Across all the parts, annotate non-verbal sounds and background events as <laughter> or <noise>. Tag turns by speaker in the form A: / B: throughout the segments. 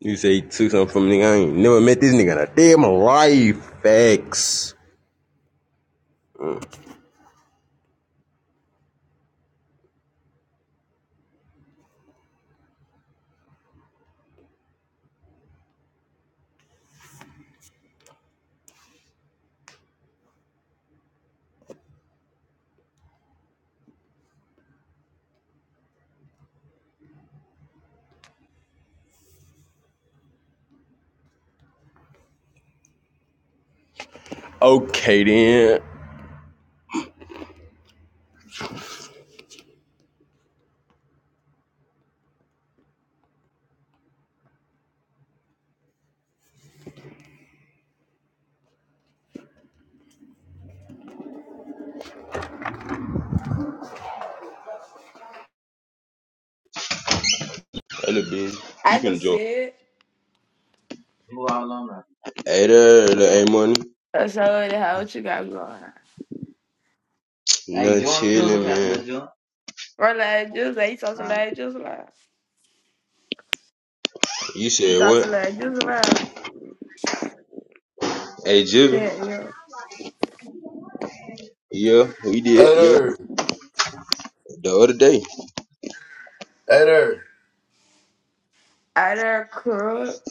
A: You say he took something from a nigga. I ain't never met this nigga in a day of my life. Facts. Okay then. Other bitch.
B: I
A: You
B: don't
A: can
B: see
A: join.
B: it.
A: Hey there, little A money.
B: I show it how what you got going on.
A: Nothing chilling, man.
B: Relax, just like you talk to like just like
A: You
B: you
A: said
B: talk to
A: what?
B: like just like
A: Hey Jibby.
B: yeah, yeah.
A: Yeah, we did.
C: Hey
A: Yeah,
C: there.
A: the other day.
C: Hey there.
B: I done crook.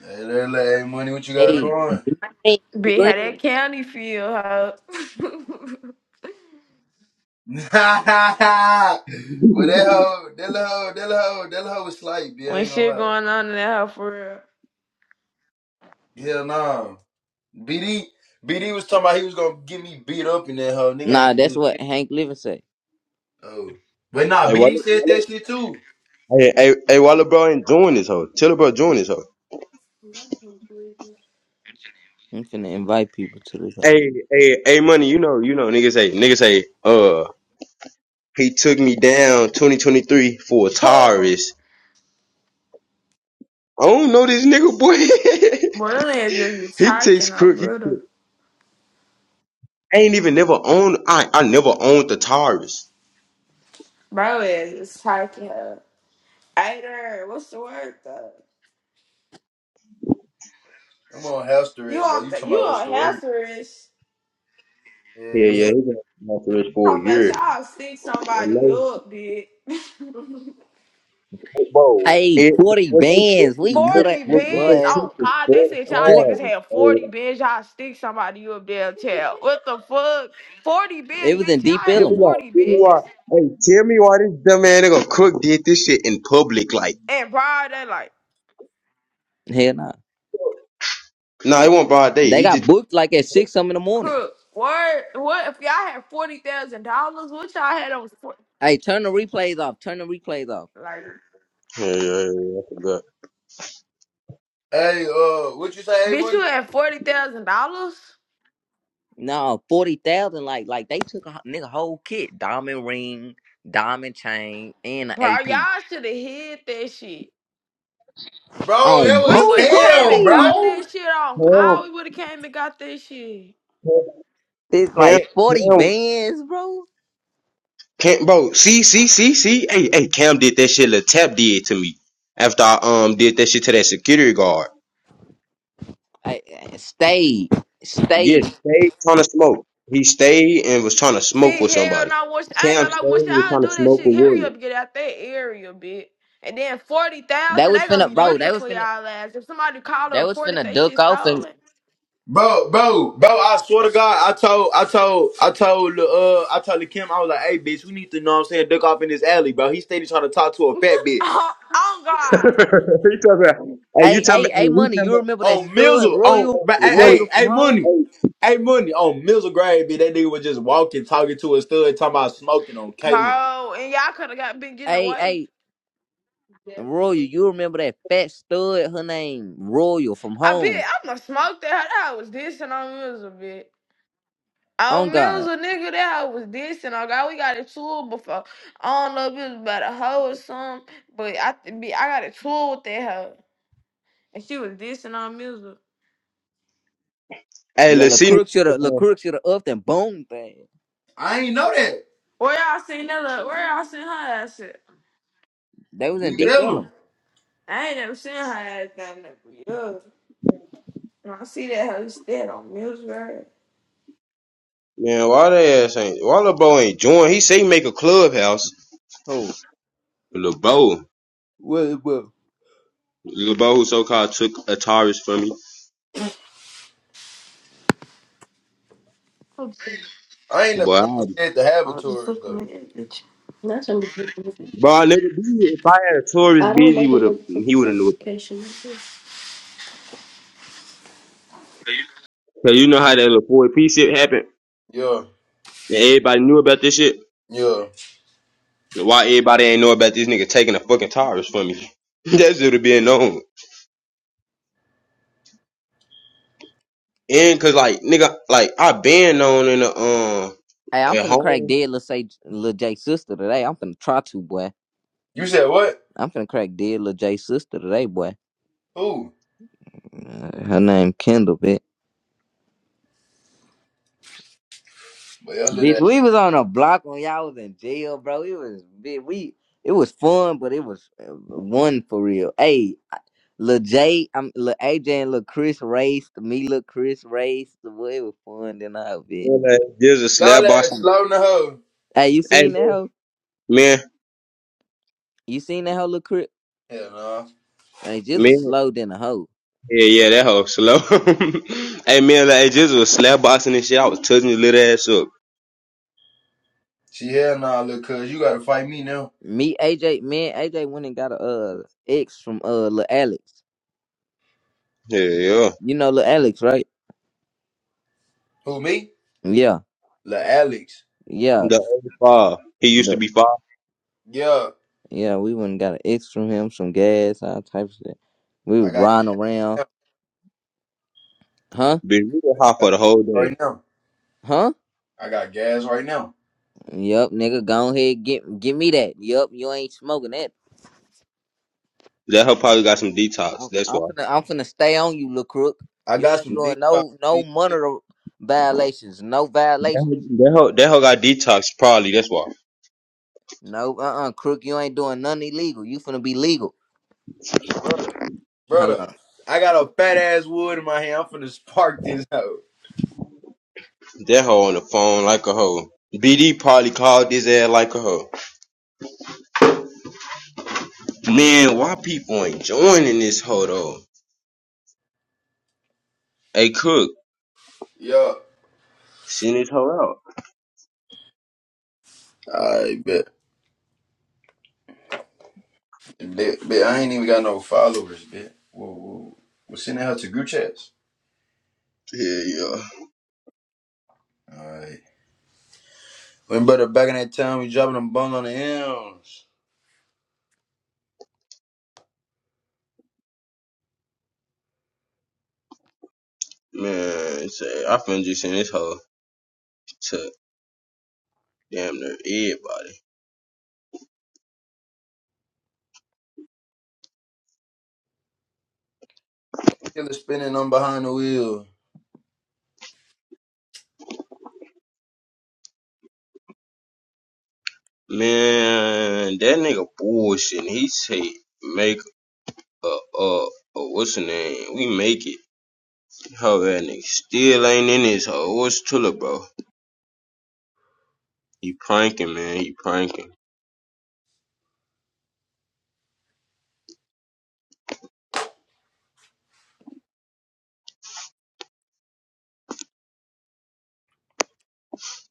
C: Hey there, like, hey, money, what you got
D: Hey,
C: going? <laughs>
D: Hank
B: Be how
D: Green.
B: that county feel, how <laughs>
C: but that hoe, that little hoe, that little hoe, that little hoe was slight, B. I
B: when
C: ain't gonna
B: shit
C: lie.
B: going on in that house for real.
C: Hell no. BD, BD was talking about he was gonna get me beat up in that hoe. Nigga
D: Nah,
C: ain't.
D: that's what Hank Living say.
C: Oh. But nah,
A: Hey Walla,
C: BD said
A: Walla.
C: that shit too.
A: Hey, hey, hey Walla, bro ain't doing this hoe. Tell her bro doing this hoe.
D: I'm finna invite people to this house.
A: Hey, hey, hey, money. You know, you know. Niggas say, niggas say, uh, he took me down 2023 for a
B: Oh,
A: terrorist. I don't know this nigga boy. <laughs>
B: boy, them niggas just be
A: he takes
B: talking, oh
A: crook. He
B: brother.
A: took- I ain't even never owned. I I never owned the Taurus.
B: Bro is just talking. Huh? I done. What's the word though?
C: I'm on house
B: You
C: arrest, bro.
B: on
C: You
B: th-
C: talking
B: you
C: about what's
B: on
C: the word?
B: hazardous?
C: Yeah,
A: Yeah, yeah.
C: yeah.
A: He been on the for a
B: talking about
A: year.
B: y'all stick somebody
A: And they,
B: up, bitch. <laughs>
A: bro,
D: Hey,
A: it,
D: 40
A: what they
D: bands. We
A: taking, what,
D: coulda
B: 40
A: what what
B: beds.
D: boy.
A: they
B: Oh,
A: taking,
B: God. They
A: four
B: said y'all
D: Four,
B: niggas
A: thousand.
B: had 40 beds. Y'all stick somebody up there, child. What the fuck? 40 beds,
D: it was in
B: bitch. Y'all
D: Deep
A: Tell
B: had
A: me
D: Ellum.
A: why.
B: 40
A: Tell
B: beds?
A: me why. Hey, tell me why this dumb man nigga crook did this shit in public. Like,
B: And bro, they like,
D: Hell nah.
A: nah, it wasn't broad day.
D: They
A: He
D: got
A: just.
D: booked like at six some in the morning.
B: crook. What? What if y'all had $40,000? What y'all had on? for-
D: Hey, turn the replays off. Turn the replays off.
B: Like,
A: Yeah, yeah, yeah. I forgot.
C: Hey, uh, what you say, hey,
B: bitch, you
C: money?
B: had $40,000?
D: No, forty thousand. Like, like they took a ho- nigga whole kit, diamond ring, diamond chain, and an
B: Bro, y'all
D: AP.
B: should have hid that shit.
C: Bro, that
D: On bro,
C: was
B: We would have came
C: Cam,
B: and
D: green.
B: got
C: bro.
B: that shit on. God, we would have came and got that shit.
A: Cam,
D: It's
A: Cam,
D: like forty
A: Cam
D: bands, bro.
A: Cam, bro, see, see, see, see. Hey, hey, Cam did that shit. Lil Tap did to me after I um did that shit to that security guard.
D: Hey, hey, stayed,
A: Yeah,
D: stayed.
A: stayed trying to smoke. He stayed and was trying to smoke
B: See,
A: with
B: hell
A: somebody.
B: no, once I ain't
A: Cam
B: gonna
A: stayed
B: like once
A: and was
B: y'all
A: trying
B: do
A: to
B: that
A: smoke
B: shit,
A: with
B: hurry up,
A: William.
B: get out that area, bitch. And then forty
D: They
B: thousand, they
D: was
B: gonna
D: finna,
B: be
D: bro.
B: looking
D: They was
B: for
D: finna,
B: y'all ass. If somebody called and
D: they was
B: reported
D: finna
B: they
D: duck
B: shit
D: off and.
B: stolen,
C: Bro, bro, bro, I swear to God, I told, I told, I told, uh, I told Kim, I was like, hey, bitch, we need to, know what I'm saying, duck off in this alley, bro. He steady trying to talk to a fat
B: <laughs>
C: bitch.
B: oh, oh
A: <laughs>
B: god,
A: he talking about, hey, you
D: Hey,
A: talking
D: hey,
A: about,
D: hey,
A: hey, he
D: money.
A: talking
D: You
A: about
D: remember that
C: On
D: stud
C: Mizzle, on,
D: Royal,
C: but,
A: big
C: hey,
A: money.
D: Royal
C: hey,
D: from
C: hey,
D: home?
C: Money, hey, Money, on Mizzle grade, bitch, that nigga was just walking, talking to a stud, talking about smoking on K-Man.
B: bro, and y'all could have got been getting
D: Hey,
B: away.
D: hey, Royal. You remember that fat stud? Her name Royal from
B: I bet
D: home.
B: I'm gonna smoke that. That hoe was dissing on Mills a bit.
D: Oh
B: On Mills
D: God.
B: a nigga that hoe was dissing on God. We got a tool before. I don't know if it was about a hoe or something, but I th- be- I got a tool with that hoe, and she was dissing on Mills.
A: Hey,
D: Yeah,
A: Lucina.
D: LaCroix should have, LaCroix should have upped and boom thing.
C: I ain't know that.
B: Where y'all seen that? Look, where y'all seen her ass at?
D: They was in
C: Deep
D: deep
C: Ellum.
D: ellum.
B: I ain't never seen her ass down there for years. When I see that hoe instead on Millsbury,
A: Man, why the ass ain't, why Lil Bo ain't join? He say he make a clubhouse.
D: Oh,
A: Lil Bo,
D: well, well.
A: Lil Bo so called took Ataris from me.
B: I was
C: I ain't never
A: Boy,
C: known said to have a
B: just
C: tourist,
B: looking
C: though.
B: at that bitch. That's understandable.
A: Bro, little B, if I had a
B: I
A: tourist
B: don't
A: busy
B: like the
A: would have
B: look for
A: he would have knew it.
B: certification.
A: Cause you know how that little 4P shit happened,
C: Yeah,
A: and everybody knew about this shit.
C: yeah.
A: Why everybody ain't know about this nigga taking a fucking tourist from me? <laughs> that should have been known. And cause like nigga, like I been known in the um
D: Hey, I'm
A: at
D: finna crack
A: home.
D: dead. Let's say Lil Jay's sister today. I'm finna try to, boy.
C: You said what?
D: I'm finna crack dead Lil Jay's sister today, boy.
C: Who?
D: Uh, her name Kendall, bitch.
C: But y'all did
D: Bitch,
C: that.
D: we was on a block when y'all was in jail, bro. It was big. We it was fun, but it was uh, one for real. Hey, I- Lil J, I'm Lil AJ and Lil Chris raced. Me, Lil Chris raced. Boy, it was fun than a bit.
A: you know, There's a
C: Y'all
A: slab box.
C: ass slow in the hoe.
D: Hey, you
A: Hey
D: seen that
A: man,
D: hoe?
A: man,
D: You seen that hoe, Lil Chris?
C: Hell no.
D: Hey, just a
A: man,
D: slow than a hoe.
A: yeah, yeah, that hoe slow. <laughs> hey man, like hey, just was slab boxing and shit. I was touching his little ass up.
C: She hell nah, look, cuz you gotta fight me now.
D: Me, AJ, man, AJ went and got a uh ex from uh Lil Alex.
A: Yeah, yeah.
D: You know Lil Alex, right?
C: Who me?
D: Yeah,
C: Lil Alex.
D: yeah.
A: The old five. He used to be five.
C: Yeah,
D: Yeah, we went and got an X from him, some gas, all types of shit. We
C: I
D: was
C: got
D: riding around.
C: gas
D: Huh?
A: Been reading hot for the whole
C: right
A: day.
C: now.
D: Huh?
C: I got gas right now.
D: Yup, nigga, go ahead, get give me that. Yup, you ain't smoking that.
A: That hoe probably got some detox.
D: I'm,
A: That's
D: I'm
A: why.
D: finna I'm finna stay on you, little crook.
C: I
D: You
C: got
D: ain't
C: some
D: doing
C: detox,
D: no no monitor violations, no
A: That
D: violations.
A: hoe, that hoe, that hoe got detox. Probably that's why.
D: No uh uh crook, you ain't doing nothing illegal. You finna be legal.
C: brother. Brother,
D: Hello.
C: I got a fat ass wood in my hand. I'm finna spark this out.
A: That hoe on the phone like a hoe. BD probably called this ass like a hoe. Man, why people ain't joining this hoe though? Hey, Cook,
C: Yeah,
A: send this hoe out.
C: I bet. Bit, bit, I ain't even got no followers, bit. Whoa, whoa. are sending her to group chats?
A: Yeah, yeah.
C: Alright. When brother back in that time, we dropping them bung on the M's.
A: Man, say, I finna just send this hoe to damn near everybody.
C: Killer spinning on behind the wheel.
A: Man, that nigga bullshitting. He say make a uh, uh what's the name? We make it. Ho that nigga still ain't in his hole. What's Tula, bro? He pranking, man. He pranking.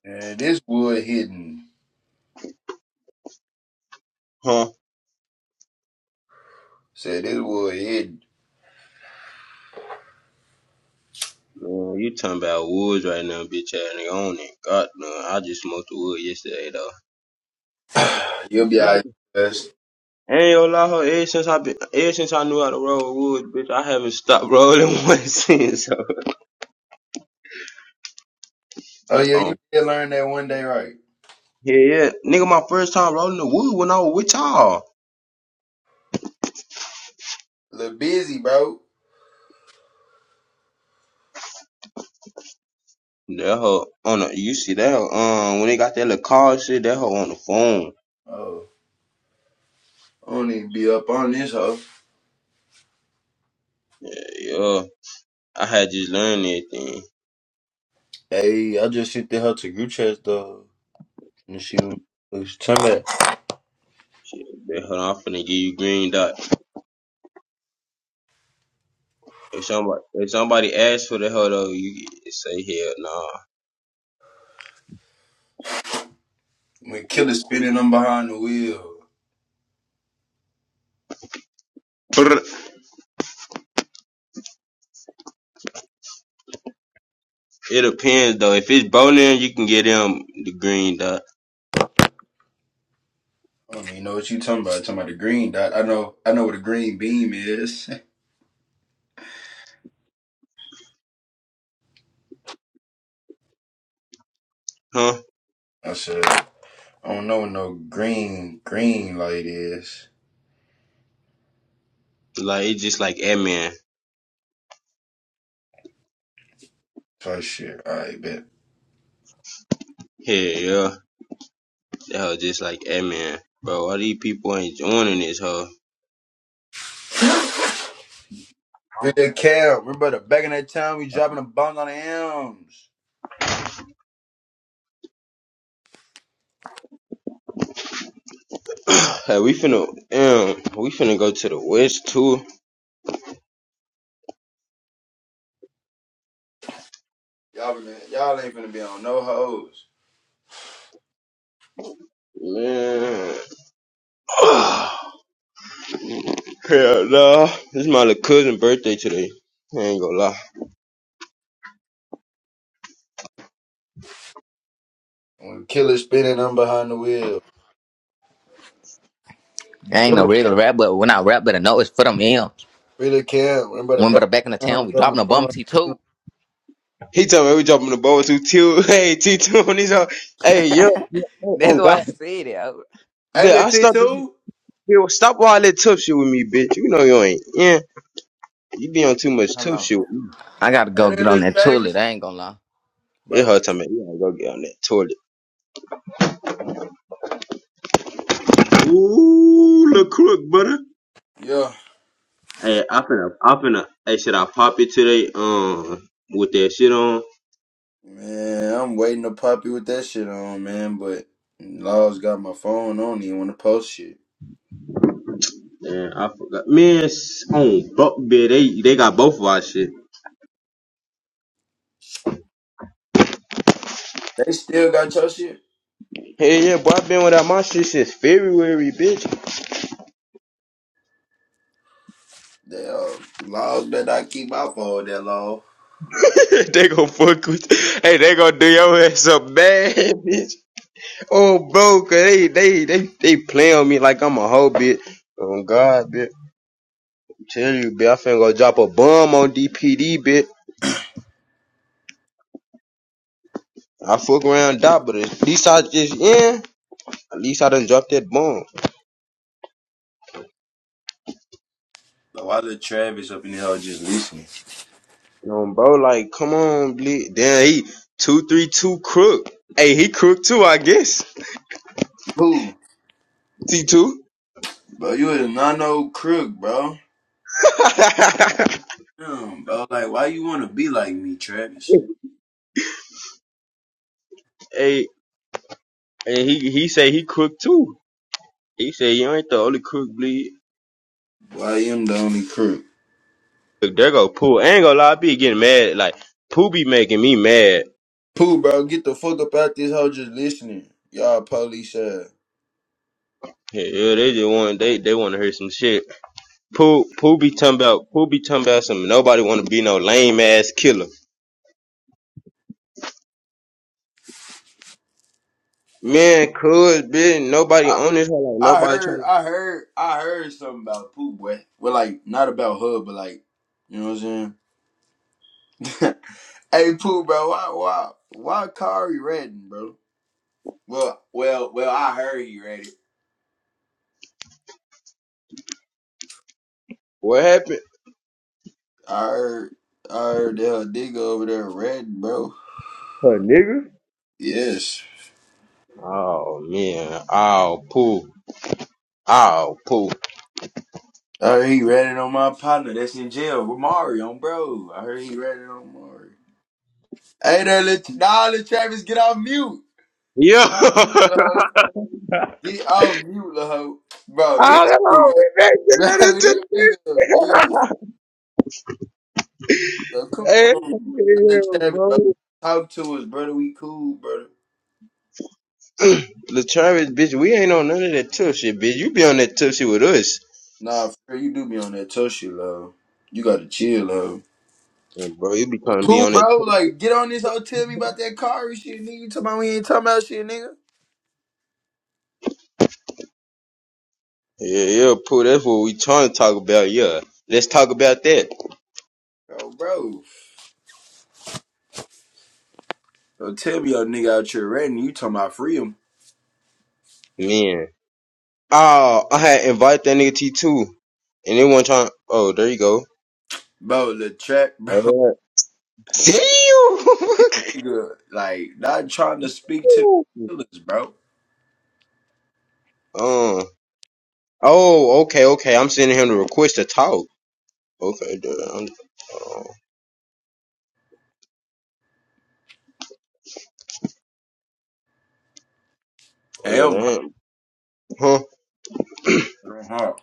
C: And this wood hidden.
A: Huh?
C: Said this wood hidden.
A: Man, you talking about woods right now, bitch ass nigga. I don't even got none. I just smoked the wood yesterday, though.
C: <sighs> You'll be alright. Best.
A: Ain't gonna lie, ho. Ever since I been, ever since I knew how to roll woods, bitch, I haven't stopped rolling <laughs> one since. So,
C: Oh yeah,
A: um,
C: you did learn that one day, right?
A: yeah, yeah, nigga, my first time rolling the wood when I was with y'all.
C: A Little busy, bro.
A: That hoe on the, you see that hoe, um, when they got that little car shit, that hoe on the phone.
C: Oh, I don't even be up on this hoe.
A: Yeah, I had just learned everything.
C: Hey, I just sent the hell to group chat though. And she was what she talking about.
A: Man, hold on, I'm finna give you green dot. If somebody if somebody asks for the hold on, you say hell nah.
C: When killer spinning them behind the wheel.
A: Brr. It depends though. If it's Bonin, you can get them the green dot,
C: I don't even know what you talking about. talking about the green dot. I know. I know what a green beam is.
A: huh?
C: <laughs> I said I don't know what no green green light is.
A: Like it's just like ant
C: So I shit. All right, bet.
A: Hell yeah, that hoe just like ant Bro, all these people ain't joining this hoe. <coughs>
C: Real Cal, remember the back in that time we dropping a bong on the M's.
A: <clears throat> hey, we finna, um, we finna go to the west too,
C: Y'all been, y'all ain't finna be on no hoes.
A: man. <coughs> <sighs> Hell nah, it's my little cousin birthday today. I ain't gonna lie.
C: When killer spinning, I'm behind the wheel.
D: I ain't no regular rap, but when I rap better know it's for them M's.
C: Real Cal, remember the
D: When
C: back
D: better back in the
C: in that time
D: town,
C: we
D: we
C: dropping a
D: dropping a
C: bong
D: bum
C: on
D: T
C: the
D: two.
C: M's.
A: He told me we dropping the boat too. two. <laughs> Hey, T two on these. hoe.
D: <laughs>
A: Hey, yo, yeah, hey,
D: That's
A: on
D: why
A: God,
D: I said it.
C: Hey,
A: bitch. I
C: little T
A: stop.
C: two,
A: Yo, stop all that tough shit with me, bitch. You know you ain't. Yeah, you be on too much tough
D: Hello.
A: shit with me.
D: I gotta go
C: hey, there,
D: get on
C: little
D: that toilet.
C: Travis,
D: I ain't gonna lie.
A: It
C: bro.
A: hurt time. You gotta go get on that toilet. Ooh, look crook, brother.
C: Yeah,
A: Hey, I finna, I finna. Hey, should I pop it today? Um, with that shit on.
C: man, I'm waiting to pop you with that shit on, man. But Laws got my phone on. He want to post shit.
A: Man, I forgot. Man, s- on buck, bitch, they they got both of our shit.
C: They still got your shit.
A: Hey, yeah, boy, I been without my shit since February, bitch.
C: They uh, laws that I keep my phone that law.
A: <laughs> they gonna fuck with you. Hey, they gonna do your ass up bad, bitch. Oh, bro, 'cause they, they, they, they play on me like I'm a hoe, bitch. Oh, God, bitch. I tell you, bitch, I finna go drop a bomb on DPD, bitch. I fuck around dot, but at least I just, yeah, at least I done dropped that bomb.
C: But why the Travis up in the hell just listening?
A: You know, bro, like, come on, bitch. Damn, he 232 crook. Hey, he crook too, I guess.
C: Who?
A: T2.
C: Bro, you a nano crook, bro.
A: <laughs>
C: Damn, bro. Like, why you wanna be like me, Travis?
A: hey, and he, he say he crook too. He say you ain't the only crook, bleed.
C: Boy, I am the only crook.
A: Look, there go Pooh. I ain't gonna lie, I be getting mad. Like Pooh be making me mad.
C: Pooh, bro, get the fuck up out this hoe just listening. Y'all police ass.
A: Yeah, yeah, they just want they they want to hear some shit. Pooh Pooh be talking about Pooh be talking about some nobody want to be no lame ass killer. Man, cool, bitch. Nobody
C: I,
A: on this. Like
C: I
A: nobody
C: heard,
A: trying. to...
C: I heard, I heard something about Pooh, boy. Well, like, not about her, but like, you know what I'm saying? <laughs> hey, Pooh, bro, why, why, why Kari ratting, bro? Well, well, well, I heard he ratted.
A: What happened?
C: I heard, I heard that her nigga over there ratting, bro.
A: A nigga.
C: Yes.
A: Oh man. Oh Pooh. Oh Pooh.
C: I heard he ratted on my partner that's in jail, Mario, bro. I heard he ratted on Mario. Hey there, let, nah, let Travis get off mute.
A: Yeah. <laughs>
C: Get off
A: oh,
C: mute, ho. Get off mute, ho. Bro,
A: come
C: this nigga,
A: on, we back to
C: bro, <laughs>
A: that
C: this
A: into
C: nigga
A: the
C: a bitch.
A: <laughs>
C: Bro, come
A: Hey,
C: on, brother
A: yeah,
C: Travis,
A: bro.
C: bro. Talk to us, brother. We cool, brother.
A: Latravis, bitch, we ain't on none of that tough shit, bitch. You be on that tough shit with us.
C: Nah, for real, you do be on that tough shit, ho. You gotta chill, ho.
A: And bro, you be
C: But
A: trying to be
C: Cool,
A: on that
C: bro.
A: tough
C: Like, get on this hoe. Tell me about that car and shit, nigga. You talking about we ain't talking about shit, nigga.
A: Yeah, yeah, Pooh, that's what we trying to talk about, yeah. Let's talk about that.
C: Bro, bro. So tell me, your nigga out here ranting, you talking about freedom,
A: Man. Oh, I had invited that nigga T two. And they want trying oh, there you go.
C: bro? The track, bro, <laughs>
A: Yeah. See you <laughs>
C: nigga, like not trying to speak to the killers, bro.
A: Um Oh, okay, okay. I'm sending him the request to talk. Okay, dude. I'm- oh, oh
C: Hey,
A: yeah,
C: I'm hot,
A: damn. Huh?
C: I'm hot,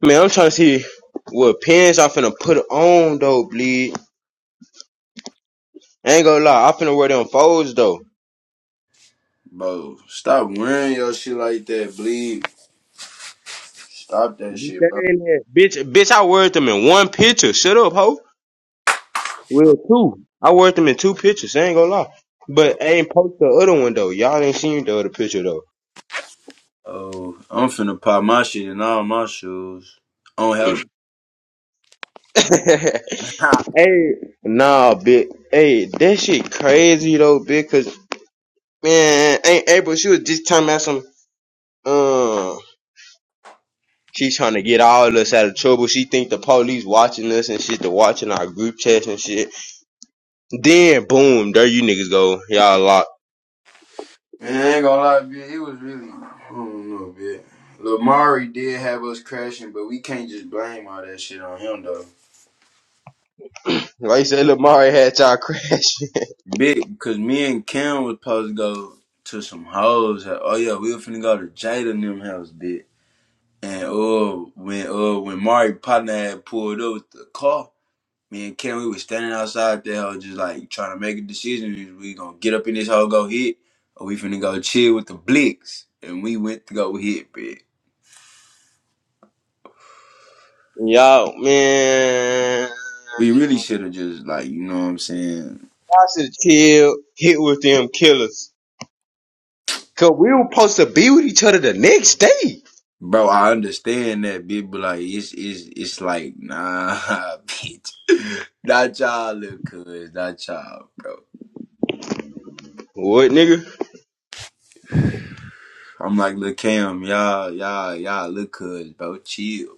A: Man, I'm trying to see what pins I finna put on though, bleed. I ain't gonna lie, I finna wear them folds though.
C: bro. Stop wearing your shit like that, bleed. Stop that
A: You
C: shit, bro.
A: saying that? Bitch, bitch, I wore them in one picture. Shut up, ho.
C: Oh,
A: Well, two. I wore them in two pictures. I ain't gonna lie.
C: oh,
A: But I ain't post the other one though. Y'all ain't seen the other picture though.
C: oh. I'm finna pop my shit in all my shoes. On house,
A: <laughs> hey,
C: <laughs>
A: nah, bitch. Hey, that shit crazy though, bitch. Cause man, ain't April. She was just talking about some. Um, She trying to get all of us out of trouble. She think the police watching us and shit. They are watching our group chats and shit. Then boom, there you niggas go. Y'all locked.
C: Man, ain't gonna lie, bitch. It was really, I don't know, bitch. Lamari did have us crashing, but we can't just blame all that shit on him, though.
A: Like you said, Lamar had y'all crashing.
C: Big, because me and Cam was supposed to go to some hoes. Oh yeah, we were finna go to Jada and them house, big. And uh, when uh, when Mari partner had pulled up with the car, me and Cam we was standing outside the house, just like trying to make a decision. Is we gonna get up in this hoe, go hit, or we finna go chill with the Blicks? And we went to go hit, big.
A: <laughs> y'all man,
C: We
A: I
C: really should have just like you know what I'm saying,
A: should chill. Hit with them killers. Cause we were supposed to be with each other the next day.
C: Bro, I understand that, bitch, but like, it's it's it's like, nah, <laughs> bitch, not y'all, little cuz, not y'all, bro.
A: What nigga?
C: I'm like, look, Cam, y'all, y'all, y'all, look, cuz, bro, chill.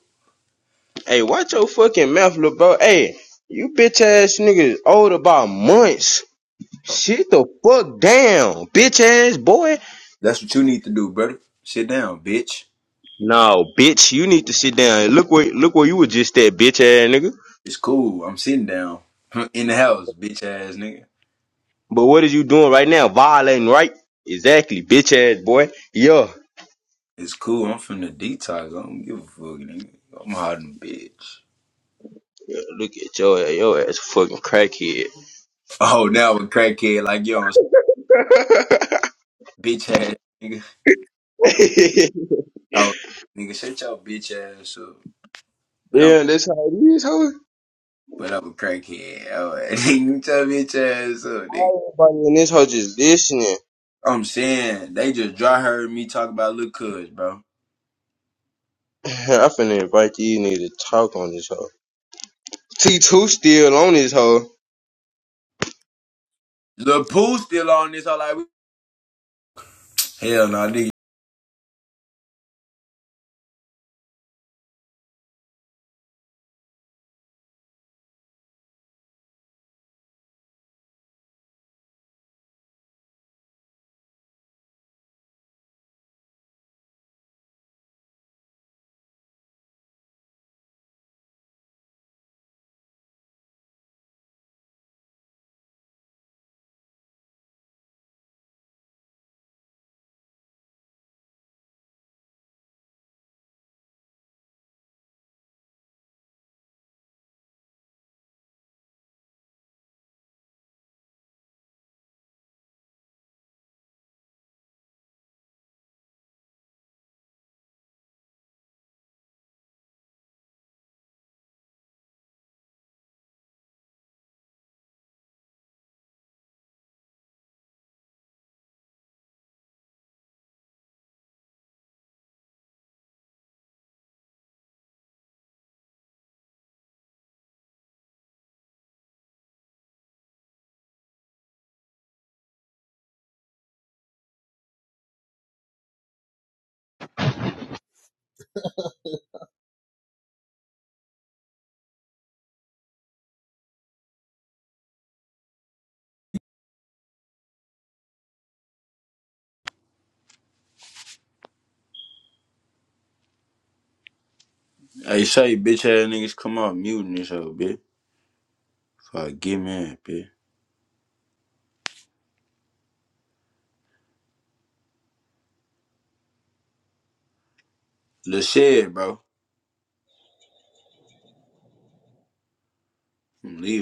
A: Hey, watch your fucking mouth, little bro. Hey, you bitch ass niggas old about months. Shit the fuck down, bitch ass boy.
C: That's what you need to do, brother. Sit down, bitch.
A: No, bitch, you need to sit down. Look where look where you was just at, bitch ass nigga.
C: It's cool. I'm sitting down <laughs> in the house, bitch ass nigga.
A: But what is you doing right now? Violating, right? Exactly, bitch ass boy. Yo,
C: It's cool. I'm from the detox. I don't give a fuck, nigga. I'm hard than a bitch.
A: look at your your ass fucking crackhead.
C: Oh, now I'm a crackhead like you on bitch ass nigga. <laughs> You
A: <laughs>
C: out, nigga. Shut your bitch ass up. But I'm.
A: Damn, that's how it is, hoe.
C: But I'm a crackhead. I was- <laughs> you tell me your ass up, nigga.
A: Everybody in this hoe just listening.
C: I'm saying they just dry heard me talk about Lil Cuz, bro.
A: <laughs> I finna invite these niggas to talk on this hoe. T2 still on this hoe.
C: Lil Pooh still on this all like Hell no, nigga. Hey, say bitch ass niggas come off muting this hoe, bitch. Fuck, get mad, bitch. Lil Shed, bro. I'm leaving.